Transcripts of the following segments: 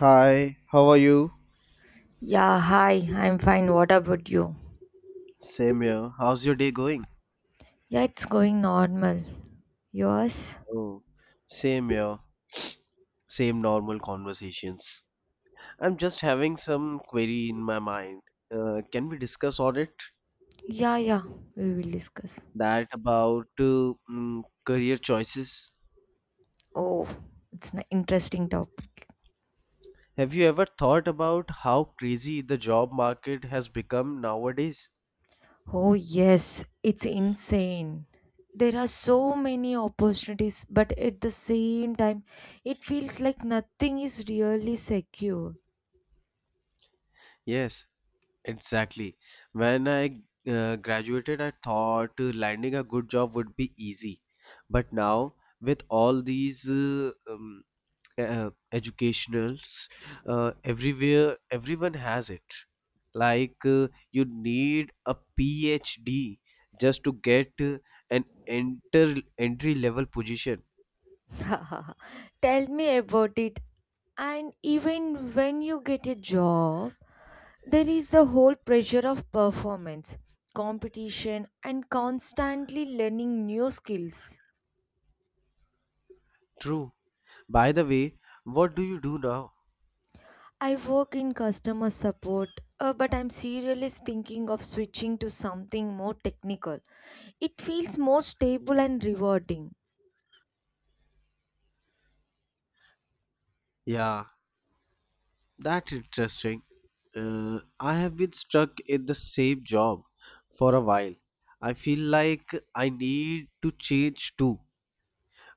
Hi, how are you? Yeah, hi, I'm fine. What about you? Same here. How's your day going? Yeah, it's going normal. Yours? Oh, same here. Same normal conversations. I'm just having some query in my mind. Can we discuss on it? Yeah, yeah, we will discuss. That about career choices. Oh, it's an interesting topic. Have you ever thought about how crazy the job market has become nowadays? Oh, yes, it's insane. There are so many opportunities, but at the same time, it feels like nothing is really secure. Yes, exactly. When I graduated, I thought landing a good job would be easy. But now, with all these educationals, everywhere, everyone has it. Like, you need a PhD just to get an enter entry level position. Tell me about it. And even when you get a job, there is the whole pressure of performance, competition, and constantly learning new skills. True. By the way, what do you do now? I work in customer support, but I'm seriously thinking of switching to something more technical. It feels more stable and rewarding. Yeah, that's interesting. I have been stuck in the same job for a while. I feel like I need to change too.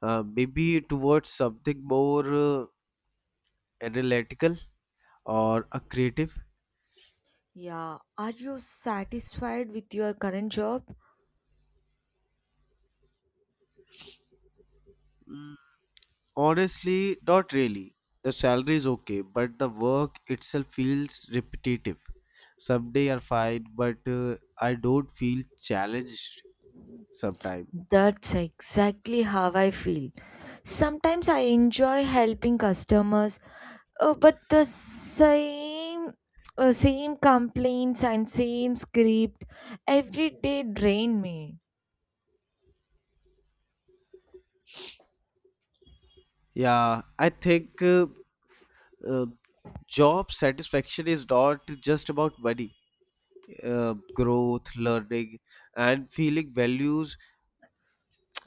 Maybe towards something more analytical or a creative. Yeah, are you satisfied with your current job? Mm, honestly, not really. The salary is okay, but the work itself feels repetitive. Some days are fine, but I don't feel challenged sometimes. That's exactly how I feel. Sometimes I enjoy helping customers, but the same same complaints and same script every day drain me. Yeah, I think. Uh, Job satisfaction is not just about money. Growth, learning, and feeling values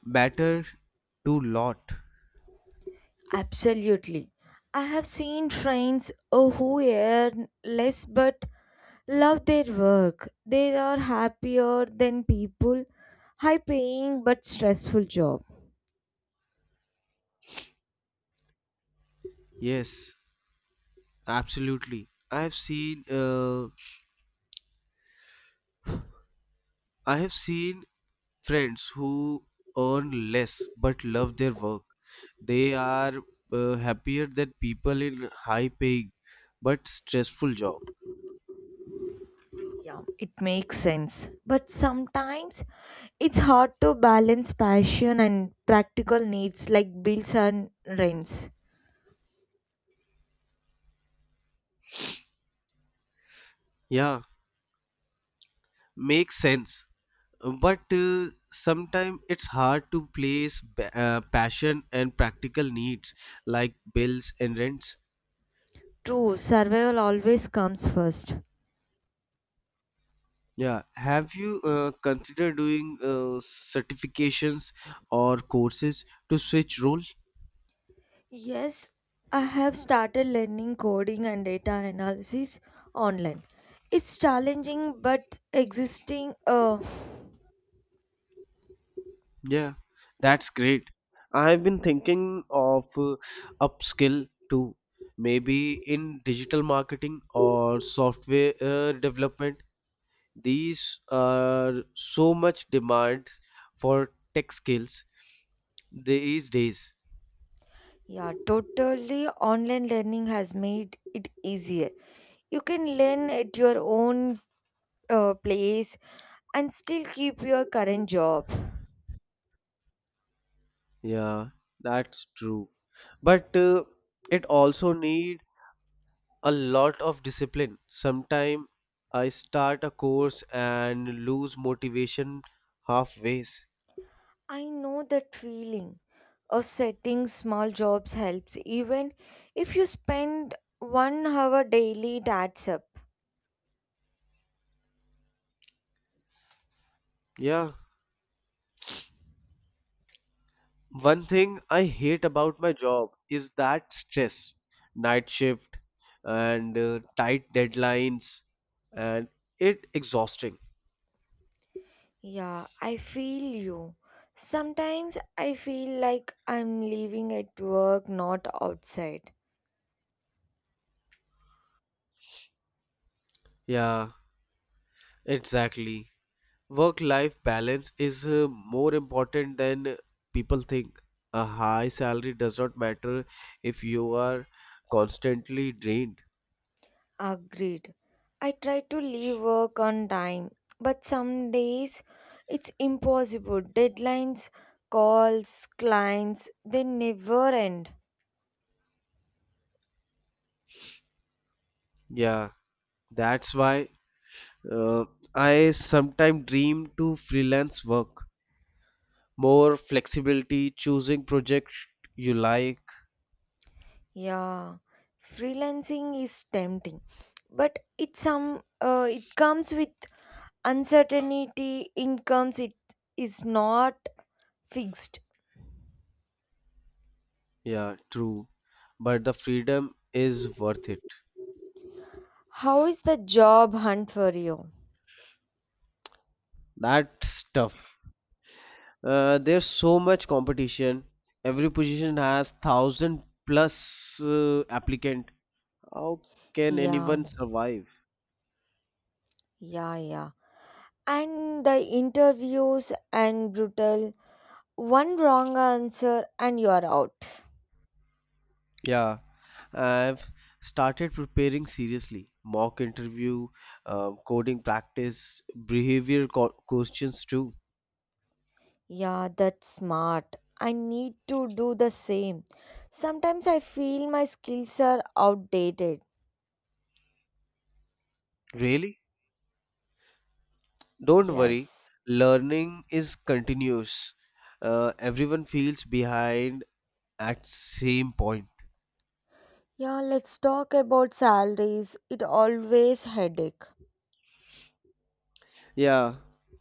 matter to lot. Absolutely. I have seen friends who earn less but love their work. They are happier than people high paying but stressful job. Yes, absolutely. I have seen friends who earn less but love their work. They are happier than people in high paying but stressful job. Yeah, it makes sense. But sometimes it's hard to balance passion and practical needs like bills and rents. Yeah, makes sense, but sometimes it's hard to place passion and practical needs like bills and rents. True, survival always comes first. Yeah, have you considered doing certifications or courses to switch role? Yes, I have started learning coding and data analysis online. It's challenging, but Yeah, that's great. I've been thinking of upskill too, maybe in digital marketing or software development. These are so much demand for tech skills these days. Yeah, totally, online learning has made it easier. You can learn at your own place and still keep your current job. Yeah, that's true. But it also need a lot of discipline sometime. I start a course and lose motivation halfway. I know that feeling of setting small jobs helps, even if you spend 1 hour daily, it adds up. Yeah, one thing I hate about my job is that stress, night shift, and tight deadlines, and it exhausting. Yeah, I feel you. Sometimes I feel like I'm living at work, not outside. Yeah, exactly. Work-life balance is more important than people think. A high salary does not matter if you are constantly drained. Agreed. I try to leave work on time, but some days it's impossible. Deadlines, calls, clients, they never end. Yeah, that's why uh, I sometimes dream to freelance work. More flexibility, choosing projects you like. Yeah, freelancing is tempting, but it comes with uncertainty. Incomes it is not fixed. Yeah, true. But the freedom is worth it. How is the job hunt for you? That's tough. There's so much competition. Every position has thousand plus applicant. How can Yeah, anyone survive? yeah, yeah. And the interviews and brutal. One wrong answer and you are out. Yeah, I've started preparing seriously. Mock interview, coding practice, behavior questions too. Yeah, that's smart. I need to do the same. Sometimes I feel my skills are outdated. Really? Don't worry. Yes. Learning is continuous. Everyone feels behind at same point. Yeah, let's talk about salaries. It always headache. Yeah,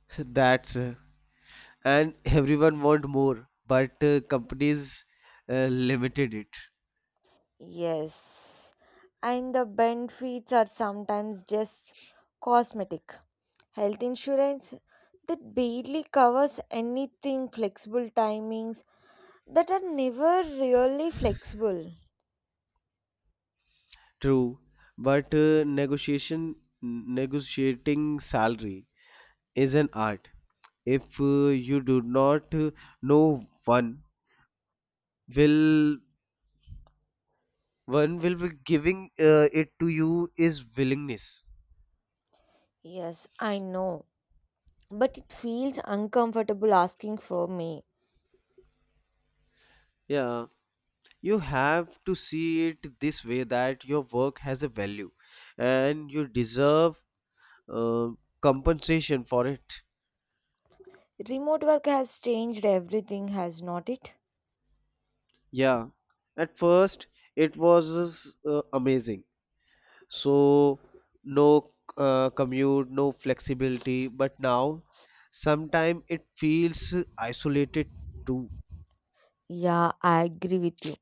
that's, and everyone want more, but companies limited it. Yes. And the benefits are sometimes just cosmetic. Health insurance that barely covers anything, flexible timings that are never really flexible. True. But negotiation negotiating salary is an art if you do not know, one will be giving it to you is willingness. Yes, I know, but it feels uncomfortable asking for me. Yeah, you have to see it this way, that your work has a value and you deserve uh, compensation for it. Remote work has changed everything, has not it? Yeah, at first it was amazing. So, no commute, no flexibility, but now sometimes it feels isolated too. Yeah, I agree with you.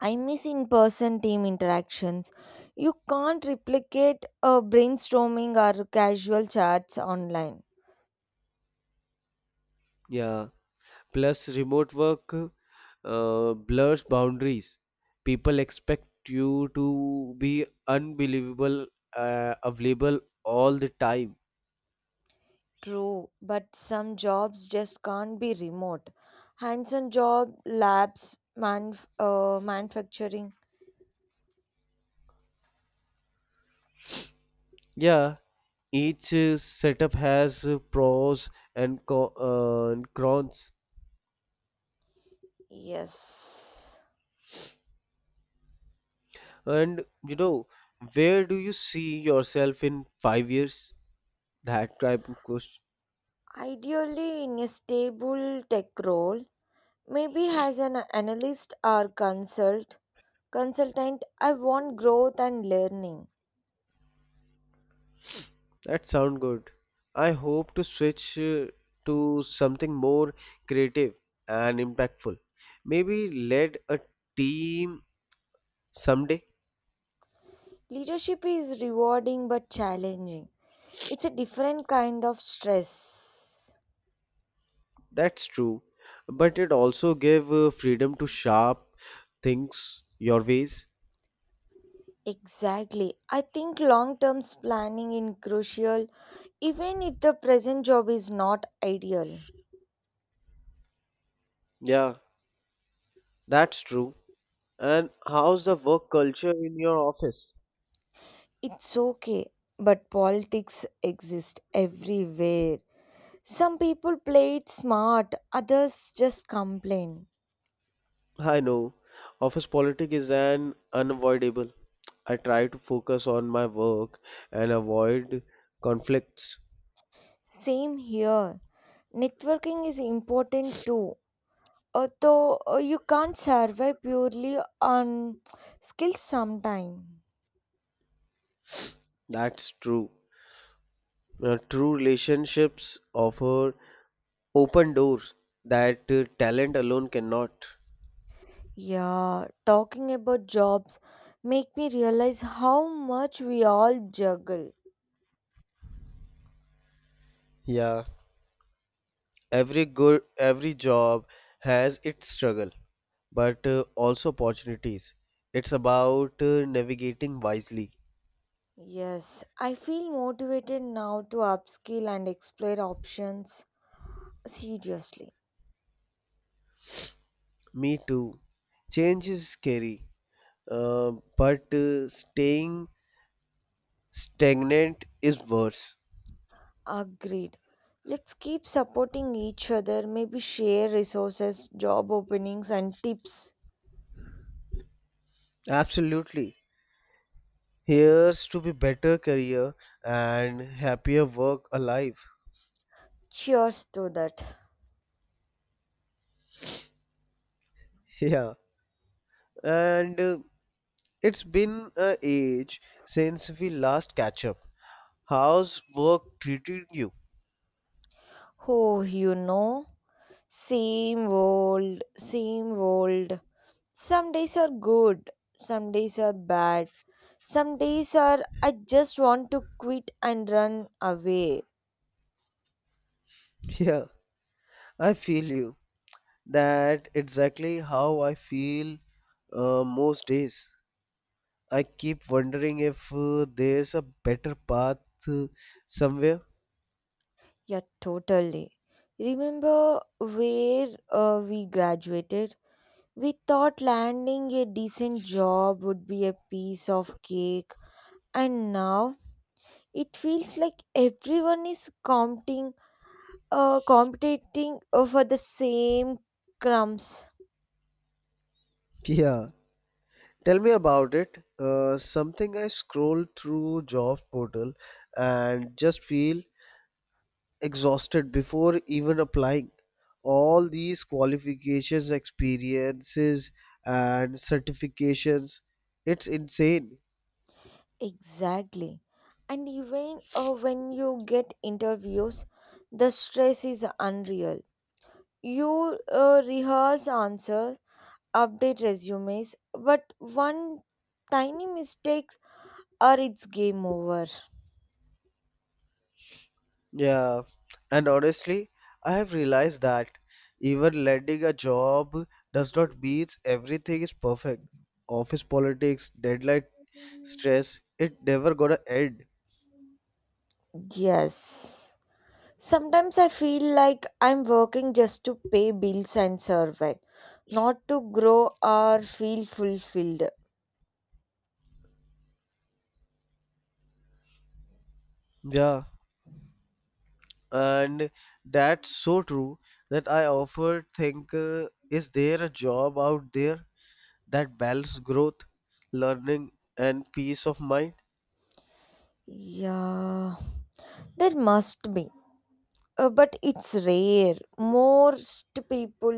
I miss in person team interactions. You can't replicate a brainstorming or casual chats online. Yeah, plus remote work blurs boundaries. People expect you to be unbelievable, available all the time. True, but some jobs just can't be remote. Hands on job, labs, manufacturing. Yeah, each setup has pros and and cons. Yes. And where do you see yourself in 5 years? That type of question. Ideally, in a stable tech role, maybe as an analyst or consultant, I want growth and learning. That sound good. I hope to switch to something more creative and impactful. Maybe lead a team someday. Leadership is rewarding but challenging. It's a different kind of stress. That's true. But it also gave freedom to sharp things your ways. Exactly. I think long-term planning is crucial even if the present job is not ideal. Yeah, that's true. And how's the work culture in your office? It's okay, but politics exist everywhere. Some people play it smart, others just complain. I know office politics is an unavoidable. I try to focus on my work and avoid conflicts. Same here. Networking is important too. Though you can't survive purely on skills sometime. That's true. True relationships offer open doors that talent alone cannot. Yeah, talking about jobs make me realize how much we all juggle. Yeah, every job has its struggle, but also opportunities. It's about navigating wisely. Yes, I feel motivated now to upskill and explore options seriously. Me too. Change is scary, but staying stagnant is worse. Agreed. Let's keep supporting each other, maybe share resources, job openings, and tips. Absolutely. Here's to be better career and happier work alive. Cheers to that. Yeah. And it's been a age since we last catch up. How's work treating you? Oh, you know, same old, same old. Some days are good, some days are bad, some days are I just want to quit and run away. Yeah, I feel you. That exactly how I feel most days. I keep wondering if there's a better path uh, somewhere. Yeah, totally. Remember where we graduated? We thought landing a decent job would be a piece of cake, and now it feels like everyone is competing, competing over the same crumbs. Yeah, tell me about it. Something I scroll through job portal and just feel exhausted before even applying. All these qualifications, experiences, and certifications, it's insane. Exactly. And even when you get interviews, the stress is unreal. You rehearse answers, update resumes, but one tiny mistakes or it's game over. Yeah, and honestly, I have realized that even landing a job does not mean everything is perfect. Office politics, deadline stress, it never gonna end. Yes. Sometimes I feel like I'm working just to pay bills and survive, not to grow or feel fulfilled. Yeah. And that's so true, that I often think, is there a job out there that balances growth, learning, and peace of mind? Yeah, there must be, but it's rare. Most people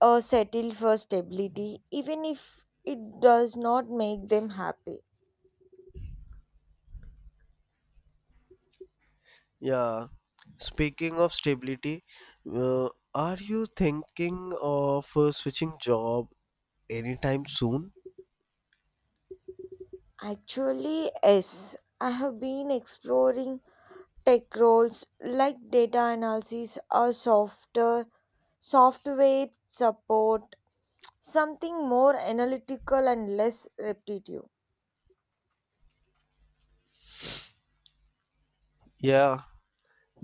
settle for stability, even if it does not make them happy. Yeah, speaking of stability, uh, are you thinking of switching job anytime soon? Actually, yes, I have been exploring tech roles like data analysis or software support, something more analytical and less repetitive. Yeah,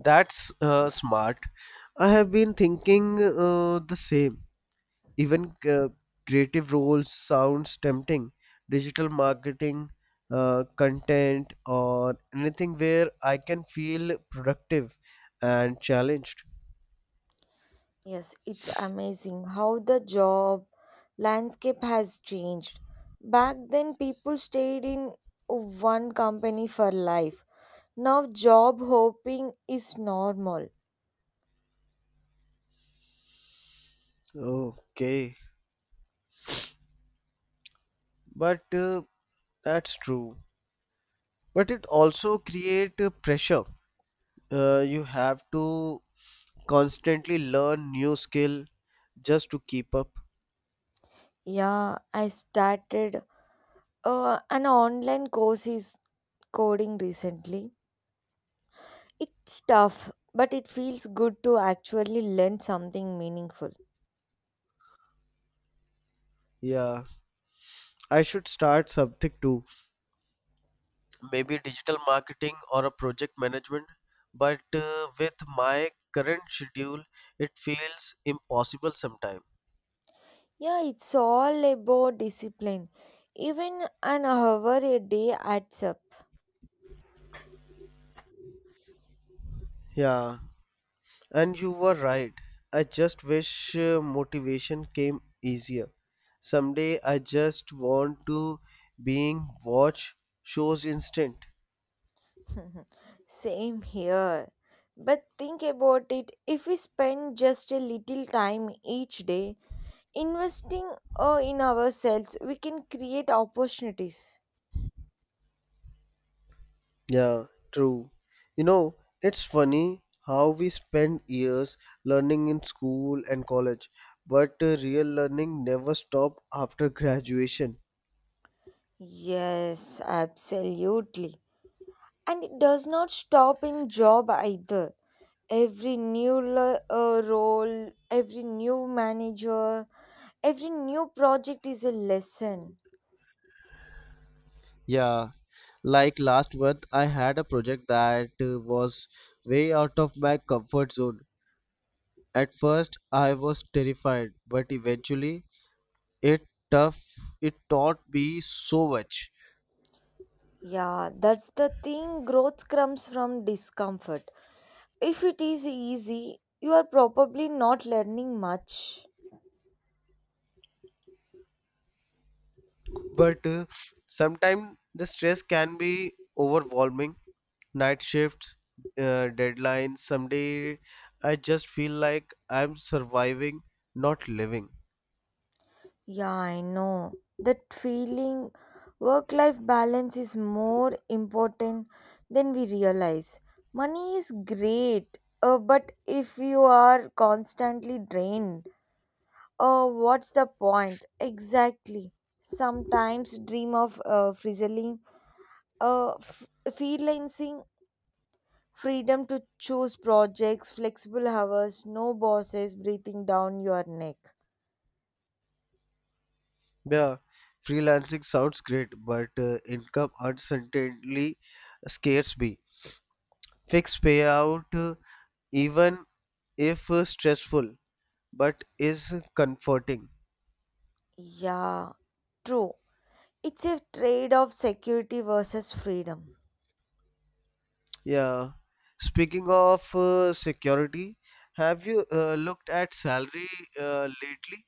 that's smart. I have been thinking the same. Even uh, creative roles sounds tempting. Digital marketing, content, or anything where I can feel productive and challenged. Yes, it's amazing how the job landscape has changed. Back then, people stayed in one company for life. Now, job hopping is normal. Okay, but that's true. But it also create pressure, you have to constantly learn new skill just to keep up. Yeah, I started an online course is coding recently. It's tough, but it feels good to actually learn something meaningful. Yeah, I should start something too. Maybe digital marketing or a project management. But with my current schedule it feels impossible sometimes. Yeah, it's all about discipline. Even an hour a day adds up. Yeah, and you were right. I just wish motivation came easier. Someday I just want to being watch shows instant. Same here. But think about it, if we spend just a little time each day investing in ourselves, we can create opportunities. Yeah, true. You know, it's funny how we spend years learning in school and college, but real learning never stops after graduation. Yes, absolutely. And it does not stop in job either. Every role, every new manager, every new project is a lesson. Yeah, like last month, I had a project that was way out of my comfort zone. At first, I was terrified, but eventually, it tough. It taught me so much. Yeah, that's the thing. Growth comes from discomfort. If it is easy, you are probably not learning much. But sometimes the stress can be overwhelming. Night shifts, deadlines. Someday I just feel like I'm surviving, not living. Yeah, I know. That feeling work life balance is more important than we realize. Money is great, but if you are constantly drained, what's the point? Exactly. Sometimes dream of freelancing, freedom to choose projects, flexible hours, no bosses breathing down your neck. Yeah, freelancing sounds great, but income uncertainty scares me. Fixed payout, even if stressful, but is comforting. Yeah, true. It's a trade of security versus freedom. Yeah. Speaking of security, have you looked at salary lately?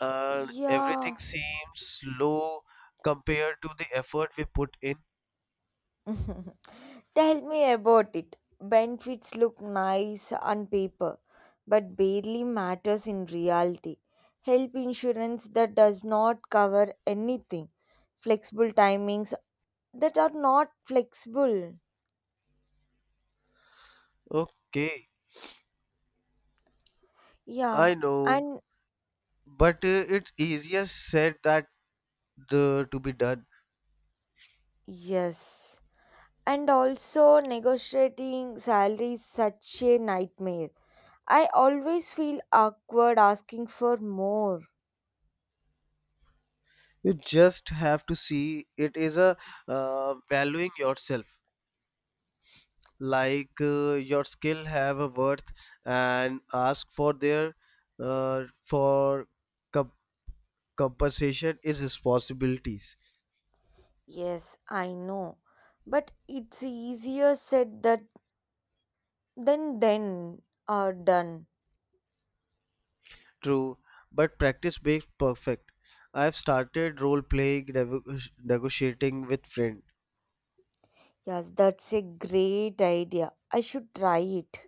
Everything Yeah. seems low compared to the effort we put in. Tell me about it. Benefits look nice on paper, but barely matters in reality. Health insurance that does not cover anything. Flexible timings that are not flexible. Okay, I Yeah, know, and but it's easier said to be done. yes. And also negotiating salaries such a nightmare. I always feel awkward asking for more. You just have to see it is a valuing yourself, like your skill have a worth, and ask for their for compensation is responsibilities. Yes, I know. But it's easier said that than then are done. True, but practice makes perfect. I have started role playing negotiating with friends. Yes, that's a great idea. I should try it.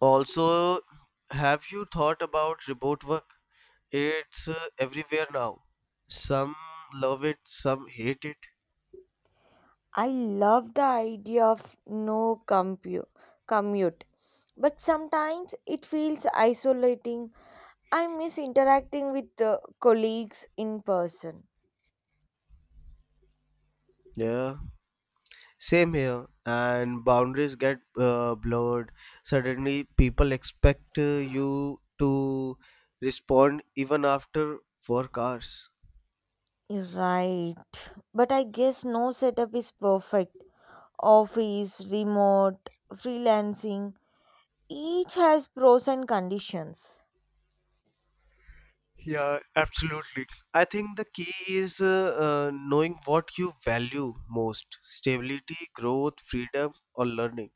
Also, have you thought about remote work? It's everywhere now. Some love it, some hate it. I love the idea of no commute. But sometimes it feels isolating. I miss interacting with the colleagues in person. Yeah, same here. And boundaries get blurred. Suddenly, people expect you to respond even after work hours. Right. But I guess no setup is perfect. Office, remote, freelancing, each has pros and conditions. Yeah, absolutely. I think the key is knowing what you value most: stability, growth, freedom, or learning.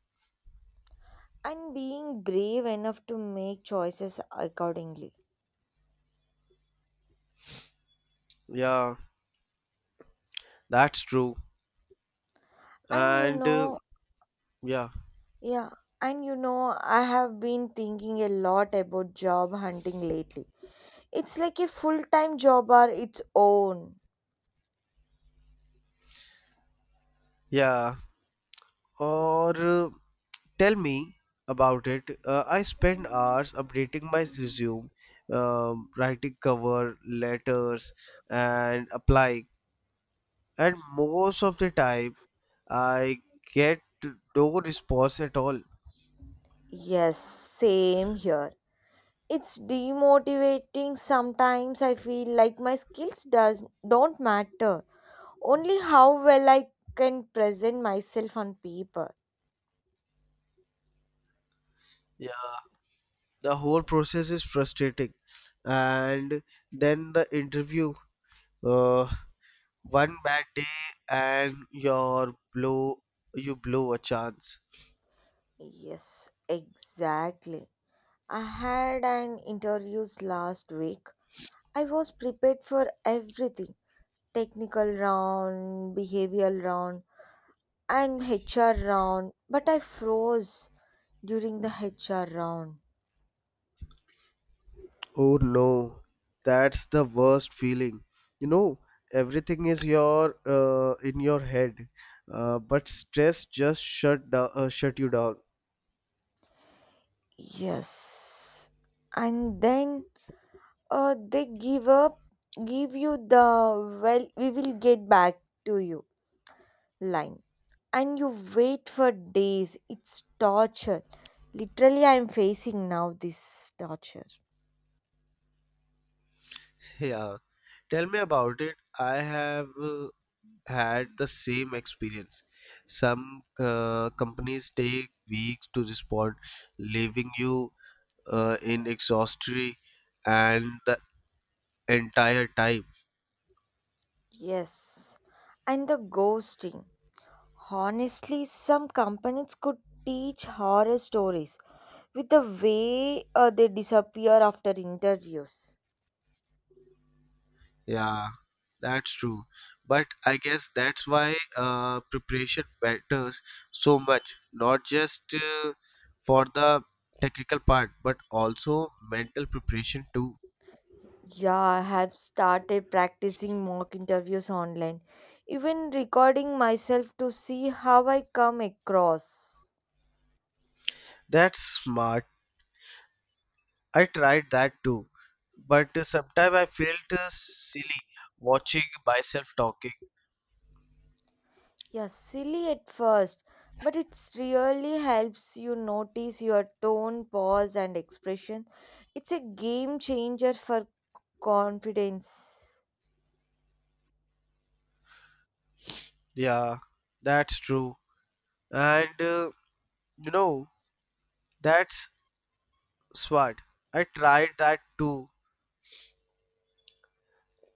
And being brave enough to make choices accordingly. Yeah, that's true. And you And know, yeah, yeah, and you know, I have been thinking a lot about job hunting lately. It's like a full time job or its own. yeah. Or tell me about it. I spend hours updating my resume, writing cover letters, and applying. And most of the time, I get no response at all. Yes, same here. It's demotivating sometimes. I feel like my skills does don't matter, only how well I can present myself on paper. Yeah. The whole process is frustrating, and then the interview, uh, one bad day and you blow a chance. Yes, exactly. I had an interviews last week. I was prepared for everything, technical round, behavioral round, and HR round, but I froze during the HR round. Oh no, that's the worst feeling. You know everything is your in your head, but stress just shut you down. Yes. And then uh, they give up, give you the well, we will get back to you line and you wait for days. It's torture. Literally, I'm facing now this torture. Yeah, tell me about it. I have uh, had the same experience. Some companies take weeks to respond, leaving you in exhaustion and the entire time. Yes, and the ghosting. Honestly, some companies could teach horror stories with the way they disappear after interviews. Yeah, that's true. But I guess that's why preparation matters so much, not just for the technical part, but also mental preparation too. Yeah, I have started practicing mock interviews online, even recording myself to see how I come across. That's smart. I tried that too, but sometimes I felt silly watching myself talking. Yeah, silly at first, but it really helps you notice your tone, pause, and expression. It's a game changer for confidence. Yeah, that's true. And you know, that's smart. I tried that too.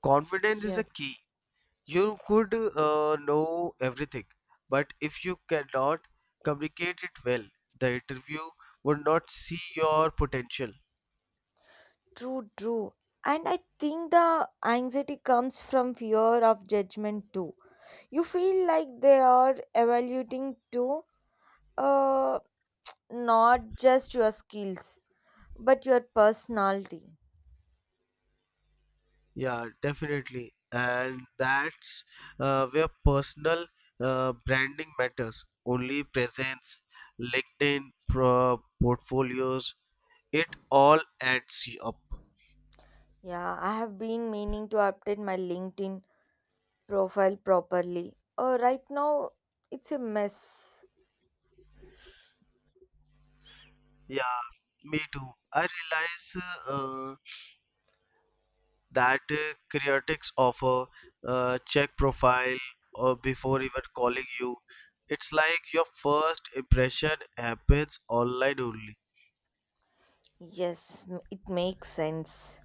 Confidence is a Yes, key. You could know everything, but if you cannot communicate it well, the interview would not see your potential. true, true. And I think the anxiety comes from fear of judgment too. You feel like they are evaluating too, uh, not just your skills, but your personality. Yeah, definitely. And that's where personal branding matters. Only presence, LinkedIn, pro portfolios, it all adds up. Yeah, I have been meaning to update my LinkedIn profile properly. Right now, it's a mess. Yeah, me too. I realize uh, that critics offer check profile or before even calling you. It's like your first impression happens online only. Yes, it makes sense.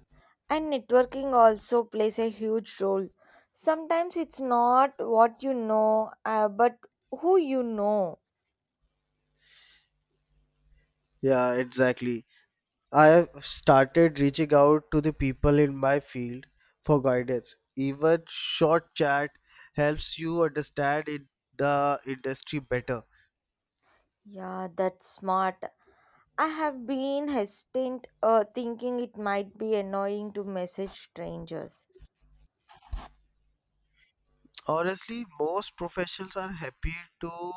And networking also plays a huge role. Sometimes it's not what you know, but who you know. Yeah, exactly. I have started reaching out to the people in my field for guidance. Even short chat helps you understand in the industry better. Yeah, that's smart. I have been hesitant, thinking it might be annoying to message strangers. Honestly, most professionals are happy to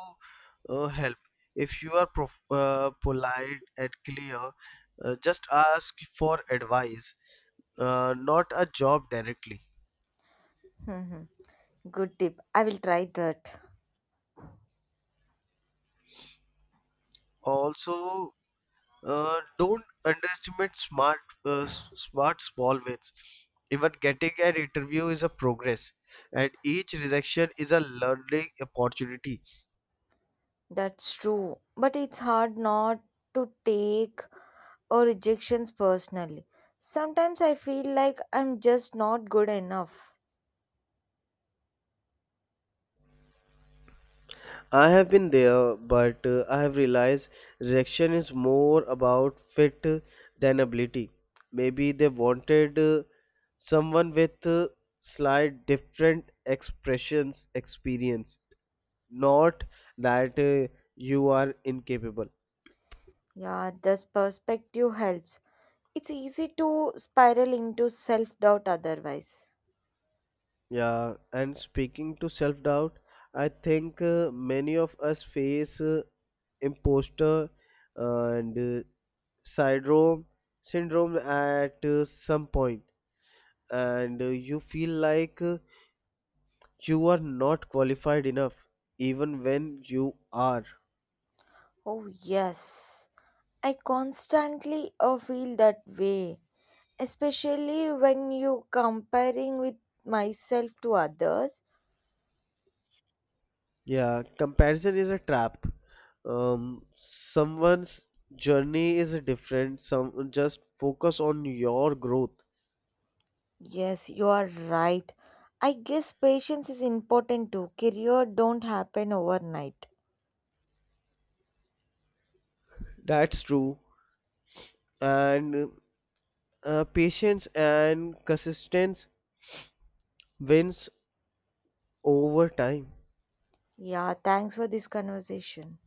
help. If you are polite and clear, just ask for advice, not a job directly. Hmm. Good tip. I will try that. Also, don't underestimate smart small wins. Even getting an interview is a progress, and each rejection is a learning opportunity. That's true. But it's hard not to take or rejections personally. Sometimes I feel like I'm just not good enough. I have been there, but I have realized rejection is more about fit than ability. Maybe they wanted someone with slight different expressions experience, not that you are incapable. Yeah, this perspective helps. It's easy to spiral into self doubt otherwise. Yeah, and speaking to self doubt, I think many of us face imposter and syndrome syndrome at some point, and you feel like you are not qualified enough, even when you are. Oh, yes. I constantly feel that way, especially when you comparing with myself to others. Yeah, comparison is a trap. Someone's journey is different. Some just focus on your growth. Yes, you are right. I guess patience is important too. Career don't happen overnight. That's true. And patience and consistency wins over time. Yeah, thanks for this conversation.